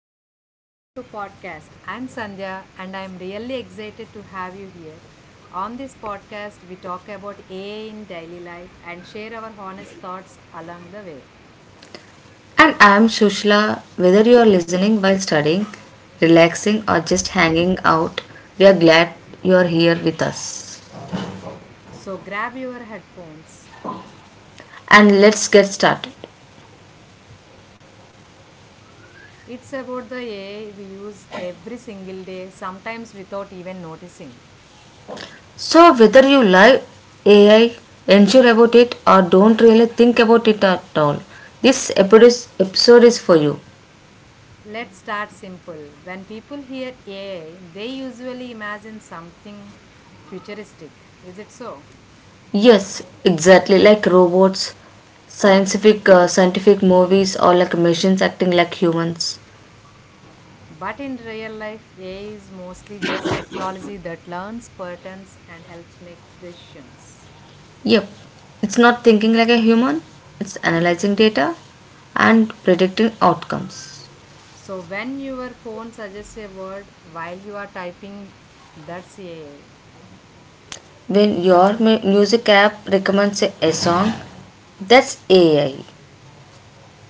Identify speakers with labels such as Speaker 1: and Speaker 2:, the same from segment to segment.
Speaker 1: everyone, welcome to podcast. I'm Sandhya and I'm really excited to have you here. On this podcast, we talk about AI in daily life and share our honest thoughts along the way.
Speaker 2: And I'm Shushla. Whether you're listening while studying, relaxing, or just hanging out, we are glad you're here with us.
Speaker 1: So grab your headphones.
Speaker 2: And let's get started.
Speaker 1: It's about the AI we use every single day, sometimes without even noticing.
Speaker 2: So, whether you like AI, unsure about it, or don't really think about it at all, this episode is, for you.
Speaker 1: Let's start simple. When people hear AI, they usually imagine something futuristic. Is it so?
Speaker 2: Yes, exactly like robots, scientific scientific movies or like machines acting like humans.
Speaker 1: But in real life, AI is mostly just technology that learns patterns and helps make decisions.
Speaker 2: Yep, it's not thinking like a human, it's analyzing data and predicting outcomes.
Speaker 1: So when your phone suggests a word while you are typing, that's AI.
Speaker 2: When your music app recommends a song, that's AI.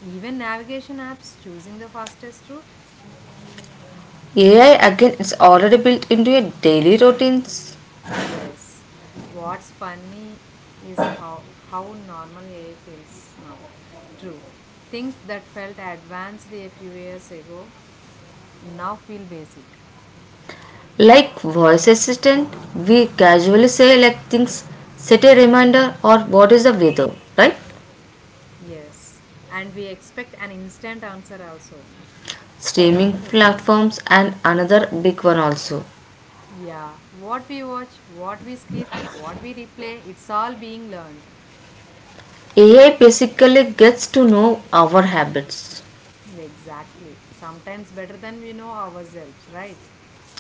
Speaker 1: Even navigation apps choosing the fastest route?
Speaker 2: AI again is already built into your daily routines.
Speaker 1: Yes. What's funny is how normal AI feels now. True. Things that felt advanced a few years ago now feel basic.
Speaker 2: Like voice assistant, we casually say like things, set a reminder or what is the weather, right?
Speaker 1: Yes, and we expect an instant answer also.
Speaker 2: Streaming platforms and another big one also.
Speaker 1: Yeah, what we watch, what we skip, what we replay, it's all being learned.
Speaker 2: AI basically gets to know our habits.
Speaker 1: Exactly. Sometimes better than we know ourselves, right?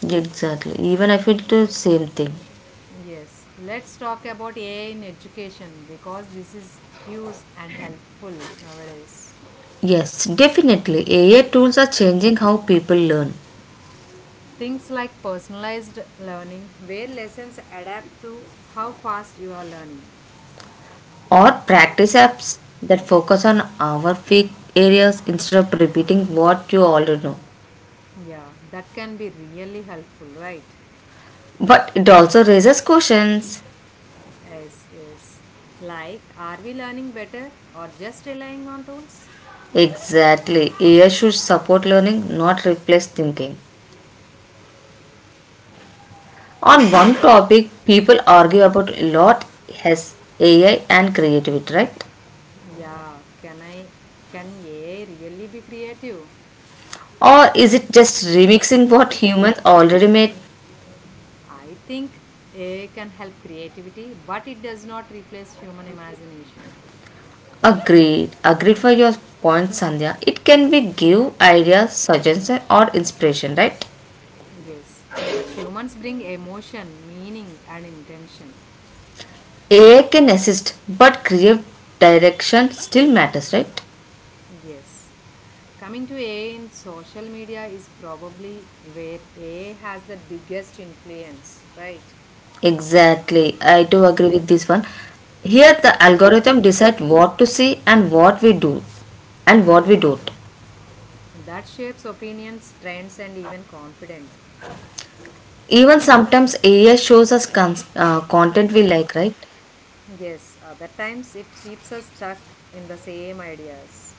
Speaker 2: Exactly. Even I feel the same thing.
Speaker 1: Yes, let's talk about AI in education because this is huge and helpful nowadays.
Speaker 2: Yes, definitely. AI tools are changing how people learn
Speaker 1: Things like personalized learning, where lessons adapt to how fast you are learning.
Speaker 2: or practice apps that focus on our weak areas instead of repeating what you already know.
Speaker 1: Yeah, that can be really helpful, right?
Speaker 2: But it also raises questions.
Speaker 1: Yes, yes. Like, are we learning better or just relying on tools?
Speaker 2: Exactly. AI should support learning, not replace thinking. On one topic, people argue about a lot has AI and creativity, right?
Speaker 1: Yeah, can AI really be creative?
Speaker 2: Or is it just remixing what humans already made?
Speaker 1: I think AI can help creativity, but it does not replace human imagination.
Speaker 2: Agreed. Agreed for your point, Sandhya. It can be give ideas, suggestion or inspiration, right?
Speaker 1: Yes, but humans bring emotion, meaning and intention.
Speaker 2: AI can assist, but creative direction still matters, right?
Speaker 1: Yes. Coming to AI in social media is probably where AI has the biggest influence, right?
Speaker 2: Exactly. I do agree with this one. Here the algorithm decide what to see and what we do and what we don't.
Speaker 1: That shapes opinions, trends, and even confidence.
Speaker 2: Even sometimes AI shows us content we like, right?
Speaker 1: Yes, other times it keeps us stuck in the same ideas.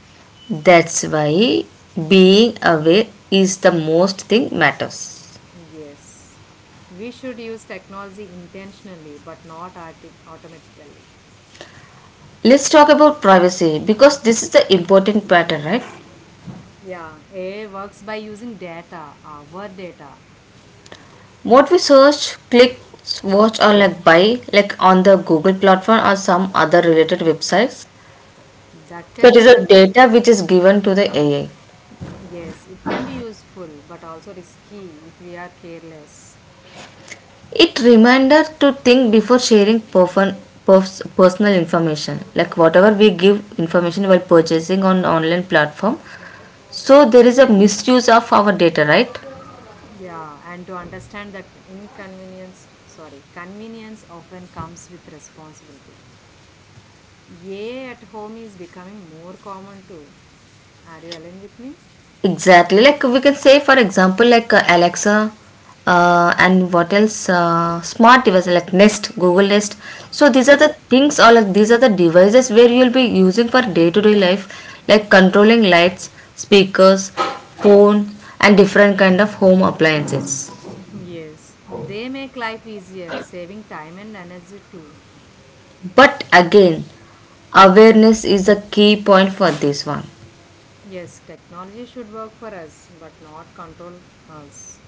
Speaker 2: That's why being aware is the most thing matters.
Speaker 1: Yes, we should use technology intentionally but not automatically.
Speaker 2: Let's talk about privacy because this is the important pattern, right?
Speaker 1: Yeah, AI works by using data, our data.
Speaker 2: What we search, click, watch, or like buy, like on the Google platform or some other related websites,
Speaker 1: That can
Speaker 2: that is
Speaker 1: be
Speaker 2: the
Speaker 1: help.
Speaker 2: data which is given to the AI.
Speaker 1: Yes, it can be useful but also risky if we are careless.
Speaker 2: It reminder to think before sharing personal information, like whatever we give information while purchasing on online platform. So there is a misuse of our data, right?
Speaker 1: Yeah, and to understand that inconvenience, sorry, convenience often comes with responsibility. Yay at home is becoming more common too. Are you aligned with me?
Speaker 2: Exactly. Like we can say, for example, like Alexa, and what else? Smart devices like Nest, Google Nest. So these are the
Speaker 1: Yes.
Speaker 2: things, or like these are the devices where you'll be using for day-to-day life, like controlling lights, speakers, phone, and different kind of home appliances.
Speaker 1: Yes. They make life easier, saving time and energy too.
Speaker 2: But again, awareness is a key point for this one.
Speaker 1: Yes, technology should work for us, but not control us.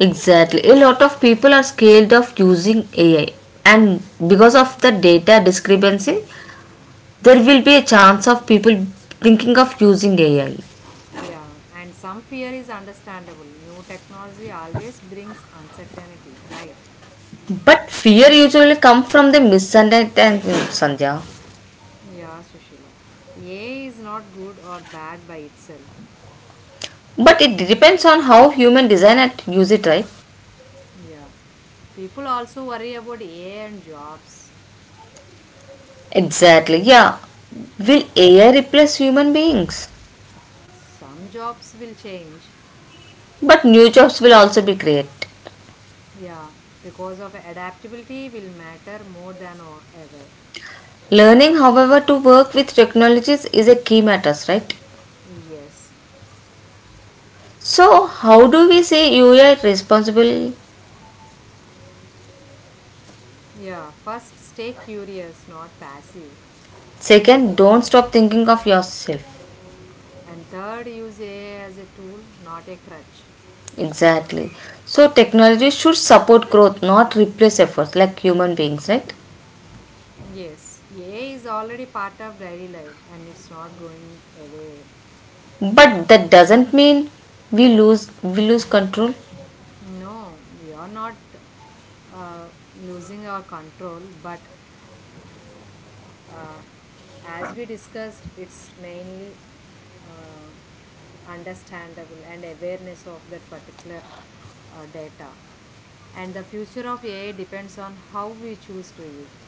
Speaker 2: Exactly. A lot of people are scared of using AI and because of the data discrepancy there will be a chance of people thinking of using AI.
Speaker 1: Yeah, and some fear is understandable. New technology always brings uncertainty, right?
Speaker 2: But fear usually comes from the misunderstanding, Sandhya.
Speaker 1: Yeah, Sushila. AI is not good or bad by itself.
Speaker 2: But it depends on how human design and use it, right?
Speaker 1: Yeah. People also worry about AI and jobs.
Speaker 2: Exactly, yeah. Will AI replace human beings?
Speaker 1: Some jobs will change.
Speaker 2: But new jobs will also be created.
Speaker 1: Yeah, because of adaptability will matter more than ever.
Speaker 2: Learning, however, to work with technologies is a key matter, right?
Speaker 1: Yes.
Speaker 2: So, how do we say you are responsible?
Speaker 1: Yeah, first stay curious, not passive.
Speaker 2: Second, don't stop thinking of yourself.
Speaker 1: And third, use AI as a tool, not a crutch.
Speaker 2: Exactly. So technology should support growth, not replace efforts like human beings, right?
Speaker 1: Yes, AI is already part of daily life and it's not going away.
Speaker 2: But that doesn't mean we lose control
Speaker 1: No, we are not uh, losing our control, but uh, as we discussed, it's mainly uh, understandable and awareness of that particular data, and the future of ai depends on how we choose to use.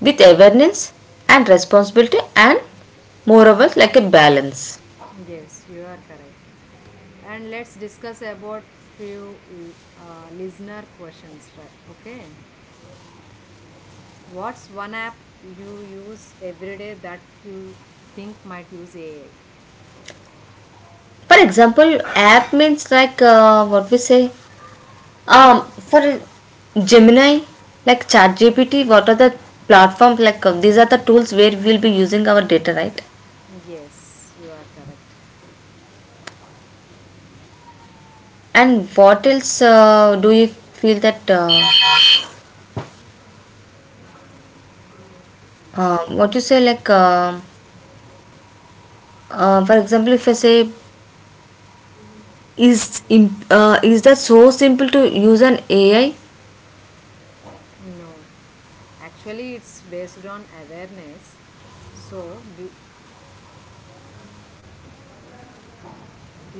Speaker 2: with awareness and responsibility and moreover like a balance.
Speaker 1: Yes, you are correct, and let's discuss about few listener questions, right? Okay, what's one app you use every day that you think might use ai?
Speaker 2: For example, app means like what we say. For Gemini, like ChatGPT, what are the platforms like? These are the tools where we'll be using our data, right?
Speaker 1: Yes, you are correct.
Speaker 2: And what else do you feel that? What you say, like, for example, if I say, is that so simple to use an AI?
Speaker 1: No, actually, it's based on awareness. So,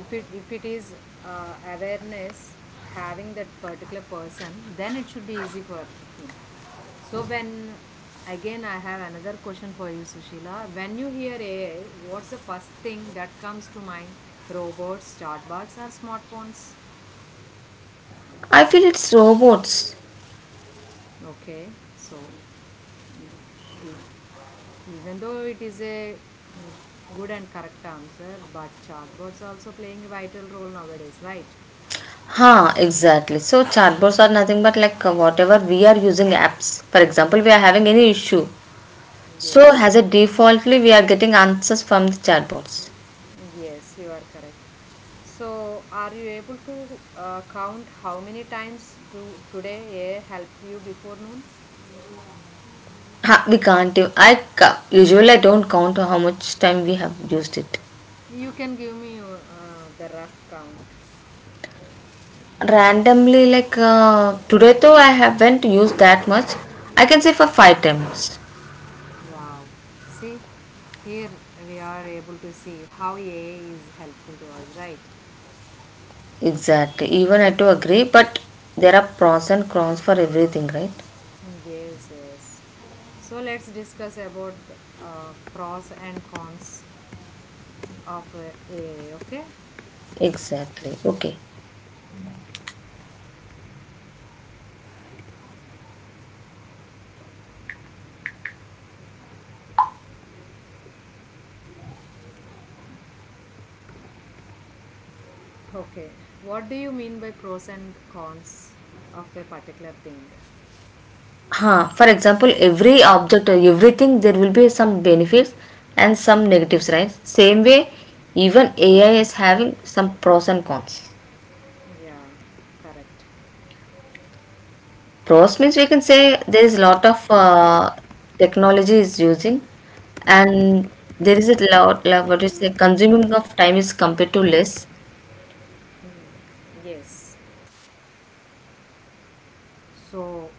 Speaker 1: if it is awareness having that particular person, then it should be easy for him. So when again I have another question for you, Sushila. When you hear AI, what's the first thing that comes to mind? Robots, chatbots, or smartphones?
Speaker 2: I feel it's robots.
Speaker 1: Okay, so mm, is even though it is a mm, good and correct answer, but chatbots also playing a vital role nowadays, right?
Speaker 2: Huh, exactly. So chatbots are nothing but like whatever we are using apps. For example, we are having any issue. So
Speaker 1: Yes,
Speaker 2: as a defaultly, we are getting answers from the chatbots.
Speaker 1: yes, you are correct. So, are you able to count how many times do today AI helped you before noon?
Speaker 2: Huh, we can't. Usually I don't count how much time we have used it.
Speaker 1: You can give me the rough count.
Speaker 2: Randomly like today though I haven't used that much, I can say for five times.
Speaker 1: Wow. See, here we are able to see how AI is helpful to us, right?
Speaker 2: Exactly, even I do agree, but there are pros and cons for everything, right?
Speaker 1: Yes, yes. So let's discuss about pros and cons of AI. Okay.
Speaker 2: Exactly, okay.
Speaker 1: Okay. What do you mean by pros and cons of a particular thing?
Speaker 2: Huh, for example, every object or everything there will be some benefits and some negatives, right? Same way, even AI is having some pros and cons.
Speaker 1: Yeah. Correct.
Speaker 2: Pros means we can say there is a lot of technology is using, and there is a lot, you say consuming of time is compared to less.
Speaker 1: Yes. So,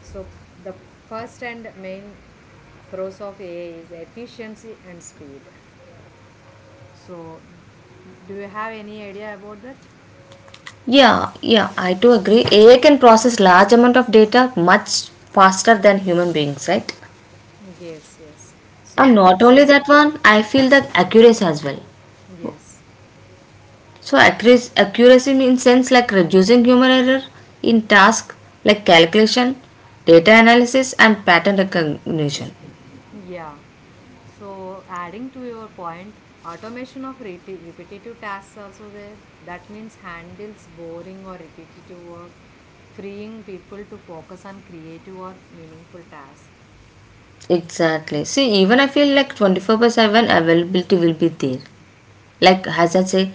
Speaker 1: so the first and main pros of AI is efficiency and speed. So, do you have any idea about that?
Speaker 2: Yeah, yeah, I do agree. AI can process large amount of data much faster than human beings, right?
Speaker 1: Yes, yes.
Speaker 2: And
Speaker 1: So
Speaker 2: not only that one, I feel that accuracy as well.
Speaker 1: yes.
Speaker 2: So accuracy, accuracy means sense like reducing human error in task like calculation, data analysis, and pattern recognition.
Speaker 1: Yeah. So, adding to your point, automation of reti repetitive tasks also there. That means handles boring or repetitive work, freeing people to focus on creative or meaningful tasks.
Speaker 2: Exactly. See, even I feel like 24/7 availability will be there. Like, as I say,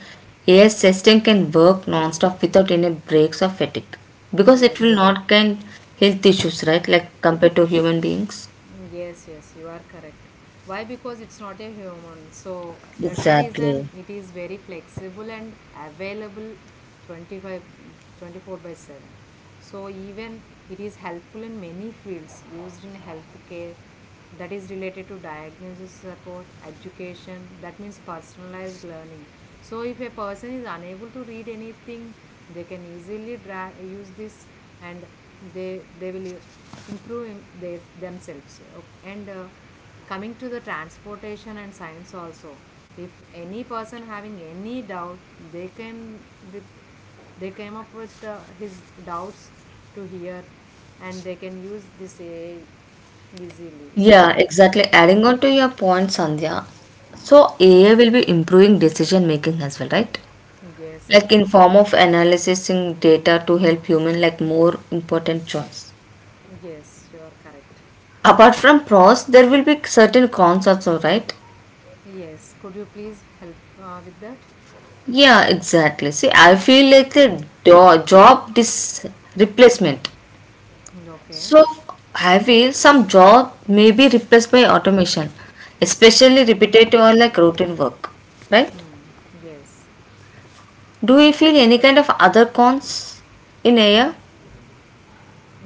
Speaker 2: AI system can work non-stop without any breaks or fatigue because it will
Speaker 1: Yes.
Speaker 2: not get health issues, right? Like, compared to human beings.
Speaker 1: Mm, yes, yes, you are correct. Why? Because it's not a human. So that's the
Speaker 2: Exactly.
Speaker 1: reason it is very flexible and available 25, 24 by 7. So even it is helpful in many fields used in healthcare, that is related to diagnosis support education. That means personalized learning. So if a person is unable to read anything, they can easily use this, and they will improve their themselves and coming to the transportation and science also. If any person having any doubt, they came with they came up with his doubts to hear, and they can use this AI easily.
Speaker 2: Yeah,
Speaker 1: So,
Speaker 2: exactly. Adding on to your point, Sandhya. So AI will be improving decision making as well, right?
Speaker 1: yes,
Speaker 2: Like
Speaker 1: yes,
Speaker 2: in form of analyzing data to help human like more important choice.
Speaker 1: yes, you are correct.
Speaker 2: Apart from pros there will be certain cons also, right?
Speaker 1: Yes, could you please help with that?
Speaker 2: Yeah, exactly. See, I feel like the do- job dis- replacement.
Speaker 1: Okay.
Speaker 2: So I feel some job may be replaced by automation, especially repetitive or like routine work, right?
Speaker 1: Hmm. Yes.
Speaker 2: Do you feel any kind of other cons in AI?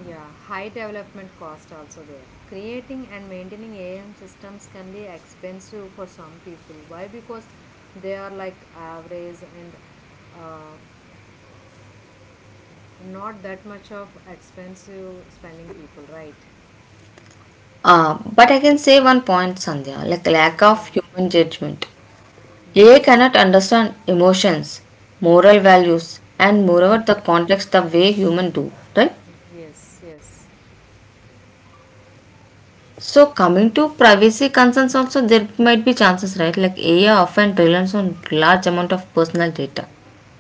Speaker 1: Yeah. High development cost also there. Creating and maintaining AM systems can be expensive for some people. Why? Because they are like average and uh, not that much of expensive spending people, right?
Speaker 2: But I can say one point, Sandhya, like lack of
Speaker 1: Yeah.
Speaker 2: human judgment. AI
Speaker 1: Yes.
Speaker 2: cannot understand emotions, moral values, and moreover the
Speaker 1: Hmm.
Speaker 2: context the way human do, right?
Speaker 1: Yes. Yes.
Speaker 2: So coming to privacy concerns also there might be chances, right? Like AI often relies on large amount of personal data.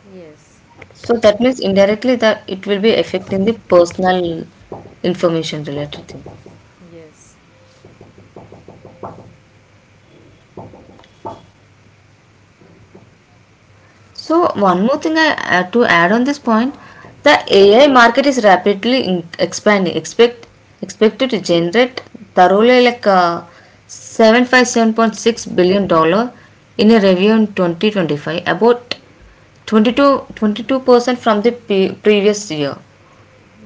Speaker 1: Yes.
Speaker 2: So that means indirectly that it will be affecting the personal information related thing.
Speaker 1: Yes,
Speaker 2: So one more thing I to add on this point, the AI market is rapidly expanding. Expected to generate thoroughly like 757.6 billion dollars in a review in 2025, about twenty two percent from the previous year.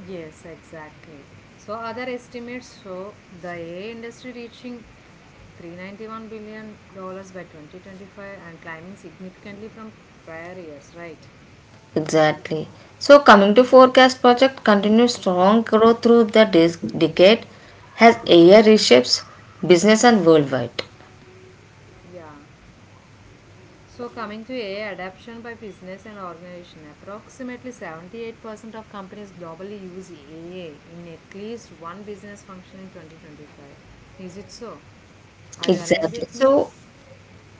Speaker 1: Yes, exactly. So other estimates show the AI industry reaching $391 billion by 2025 and climbing significantly from prior years, right?
Speaker 2: Exactly. So coming to forecast project continues strong growth through the decade as AI reshapes business and worldwide.
Speaker 1: Yeah. So coming to AI adoption by business and organization, approximately 78% of companies globally use AI in at least one business function in 2025. Is it so? Are you aligned
Speaker 2: Exactly.
Speaker 1: with me?
Speaker 2: So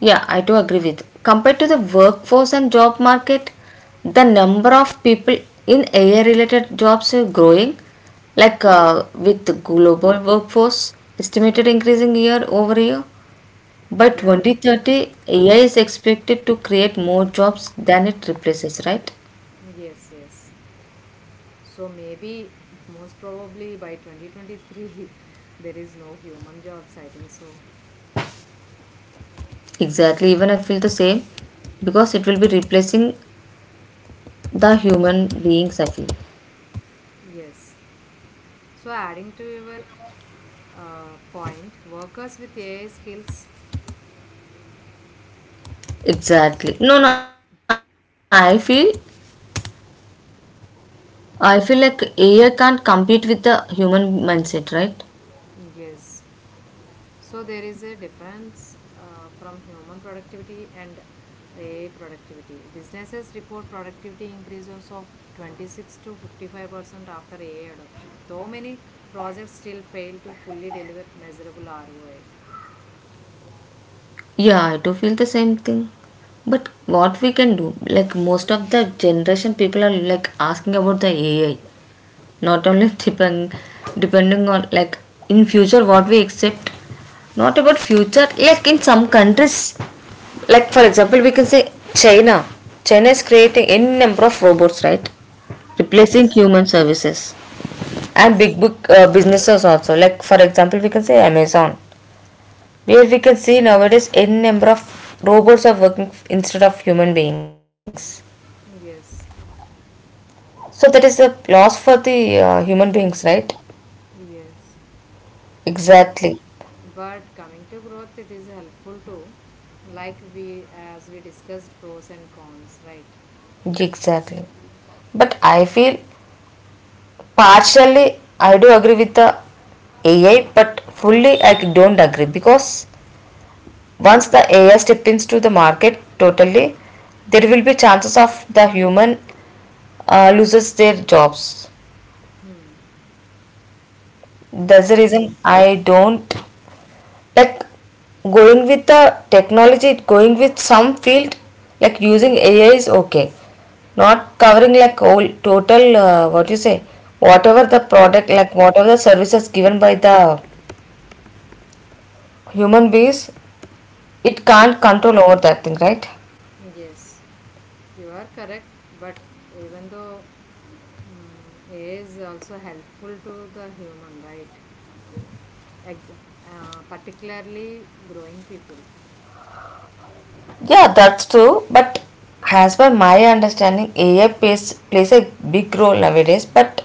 Speaker 2: yeah, I do agree with. Compared to the workforce and job market, the number of people in AI related jobs are growing. Like with global workforce estimated increasing year over year. By
Speaker 1: Yeah.
Speaker 2: 2030, AI is expected to create more jobs than it replaces, right?
Speaker 1: Yes, yes. So maybe most probably by 2023 there is no human jobs I think so.
Speaker 2: Exactly, even I feel the same because it will be replacing the human beings, I feel.
Speaker 1: Yes. So adding to your point workers with AI skills,
Speaker 2: Exactly. No, no, I feel like AI can't compete with the human mindset, right?
Speaker 1: yes. So there is a difference from human productivity and AI productivity. Businesses report productivity increases of 26 to 55% after AI adoption. Though many projects still fail to fully deliver measurable ROI.
Speaker 2: Yeah, I do feel the same thing. But what we can do, like most of the generation people are like asking about the AI, not only depending on like in future what we accept, not about future, like in some countries, like for example, we can say China. China is creating any number of robots, right? Replacing
Speaker 1: Yes.
Speaker 2: human services. And big
Speaker 1: Yes,
Speaker 2: book businesses also, like for example we can say Amazon, where we can see nowadays n number of robots are working instead of human beings.
Speaker 1: yes,
Speaker 2: So that is a loss for the human beings, right?
Speaker 1: yes. But
Speaker 2: Exactly.
Speaker 1: but coming to growth, it is helpful too. Like we as we discussed pros and cons, right?
Speaker 2: Exactly, but I feel partially I do agree with the AI, but fully I don't agree because once the AI step into the market totally, there will be chances of the human loses their jobs.
Speaker 1: Hmm.
Speaker 2: That's the
Speaker 1: Aligned.
Speaker 2: reason I don't like going with the technology, going with some field, like using AI is okay. Not covering like all total, what you say, whatever the product, like whatever the services given by the human beings, it can't control over that thing, right?
Speaker 1: Yes, you are correct. But even though AI is also helpful to the human, right? Ex- particularly growing people.
Speaker 2: Yeah, that's true. But as per my understanding, AI plays a big role nowadays, but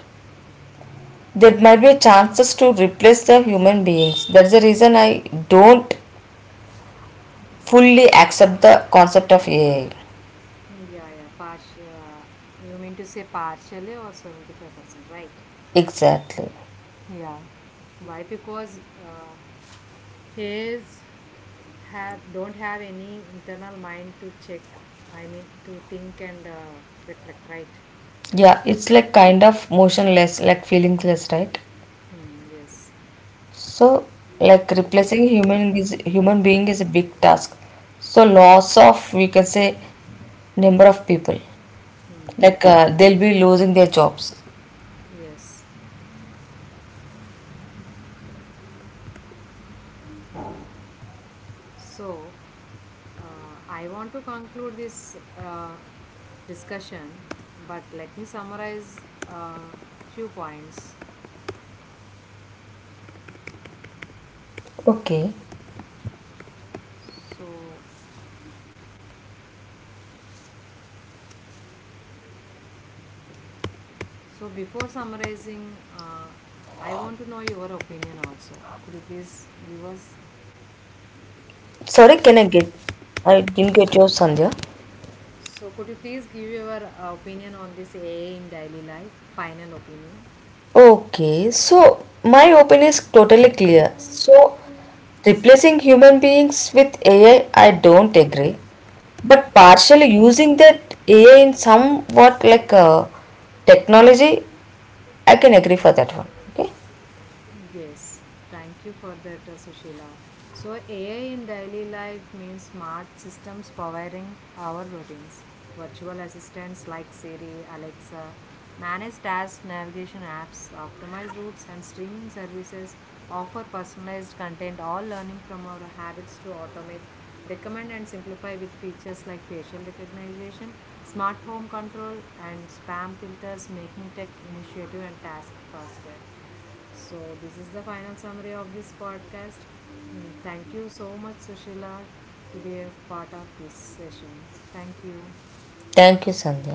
Speaker 2: there might be chances to replace the human beings. That's the reason I don't fully accept the concept of AI.
Speaker 1: Yeah, yeah. Partial. You mean to say partially or 75%, right?
Speaker 2: Exactly.
Speaker 1: Yeah. Why? Because his have don't have any internal mind to check. I mean, to think and reflect. Right.
Speaker 2: Yeah, it's like kind of motionless, like feelingless, right?
Speaker 1: Hmm, yes.
Speaker 2: So like replacing human is human being is a big task. So loss of we can say number of people, like they'll be losing their jobs.
Speaker 1: Yes. So I want to conclude this discussion, but let me summarize uh, few points.
Speaker 2: Okay,
Speaker 1: So so before summarizing, I want to know your opinion also. Could you please give us
Speaker 2: sorry, can I get? I didn't get your, Sandhya.
Speaker 1: So, could you please give your opinion on this AI in daily life? Final opinion.
Speaker 2: Okay, so my opinion is totally clear. So replacing human beings with AI, I don't agree, but partially using that AI in somewhat like technology, I can agree for that one. Okay,
Speaker 1: Yes, thank you for that, Sushila. So, AI in daily life means smart systems powering our routines. Virtual assistants like Siri, Alexa, manage tasks, navigation apps, optimized routes, and streaming services offer personalized content, all learning from our habits to automate, recommend, and simplify with features like facial recognition, smart home control, and spam filters, making tech initiative and tasks faster. So, this is the final summary of this podcast. Mm, thank you so much, Sushila, to be a part of this session. Thank you.
Speaker 2: thank you, Sandhya.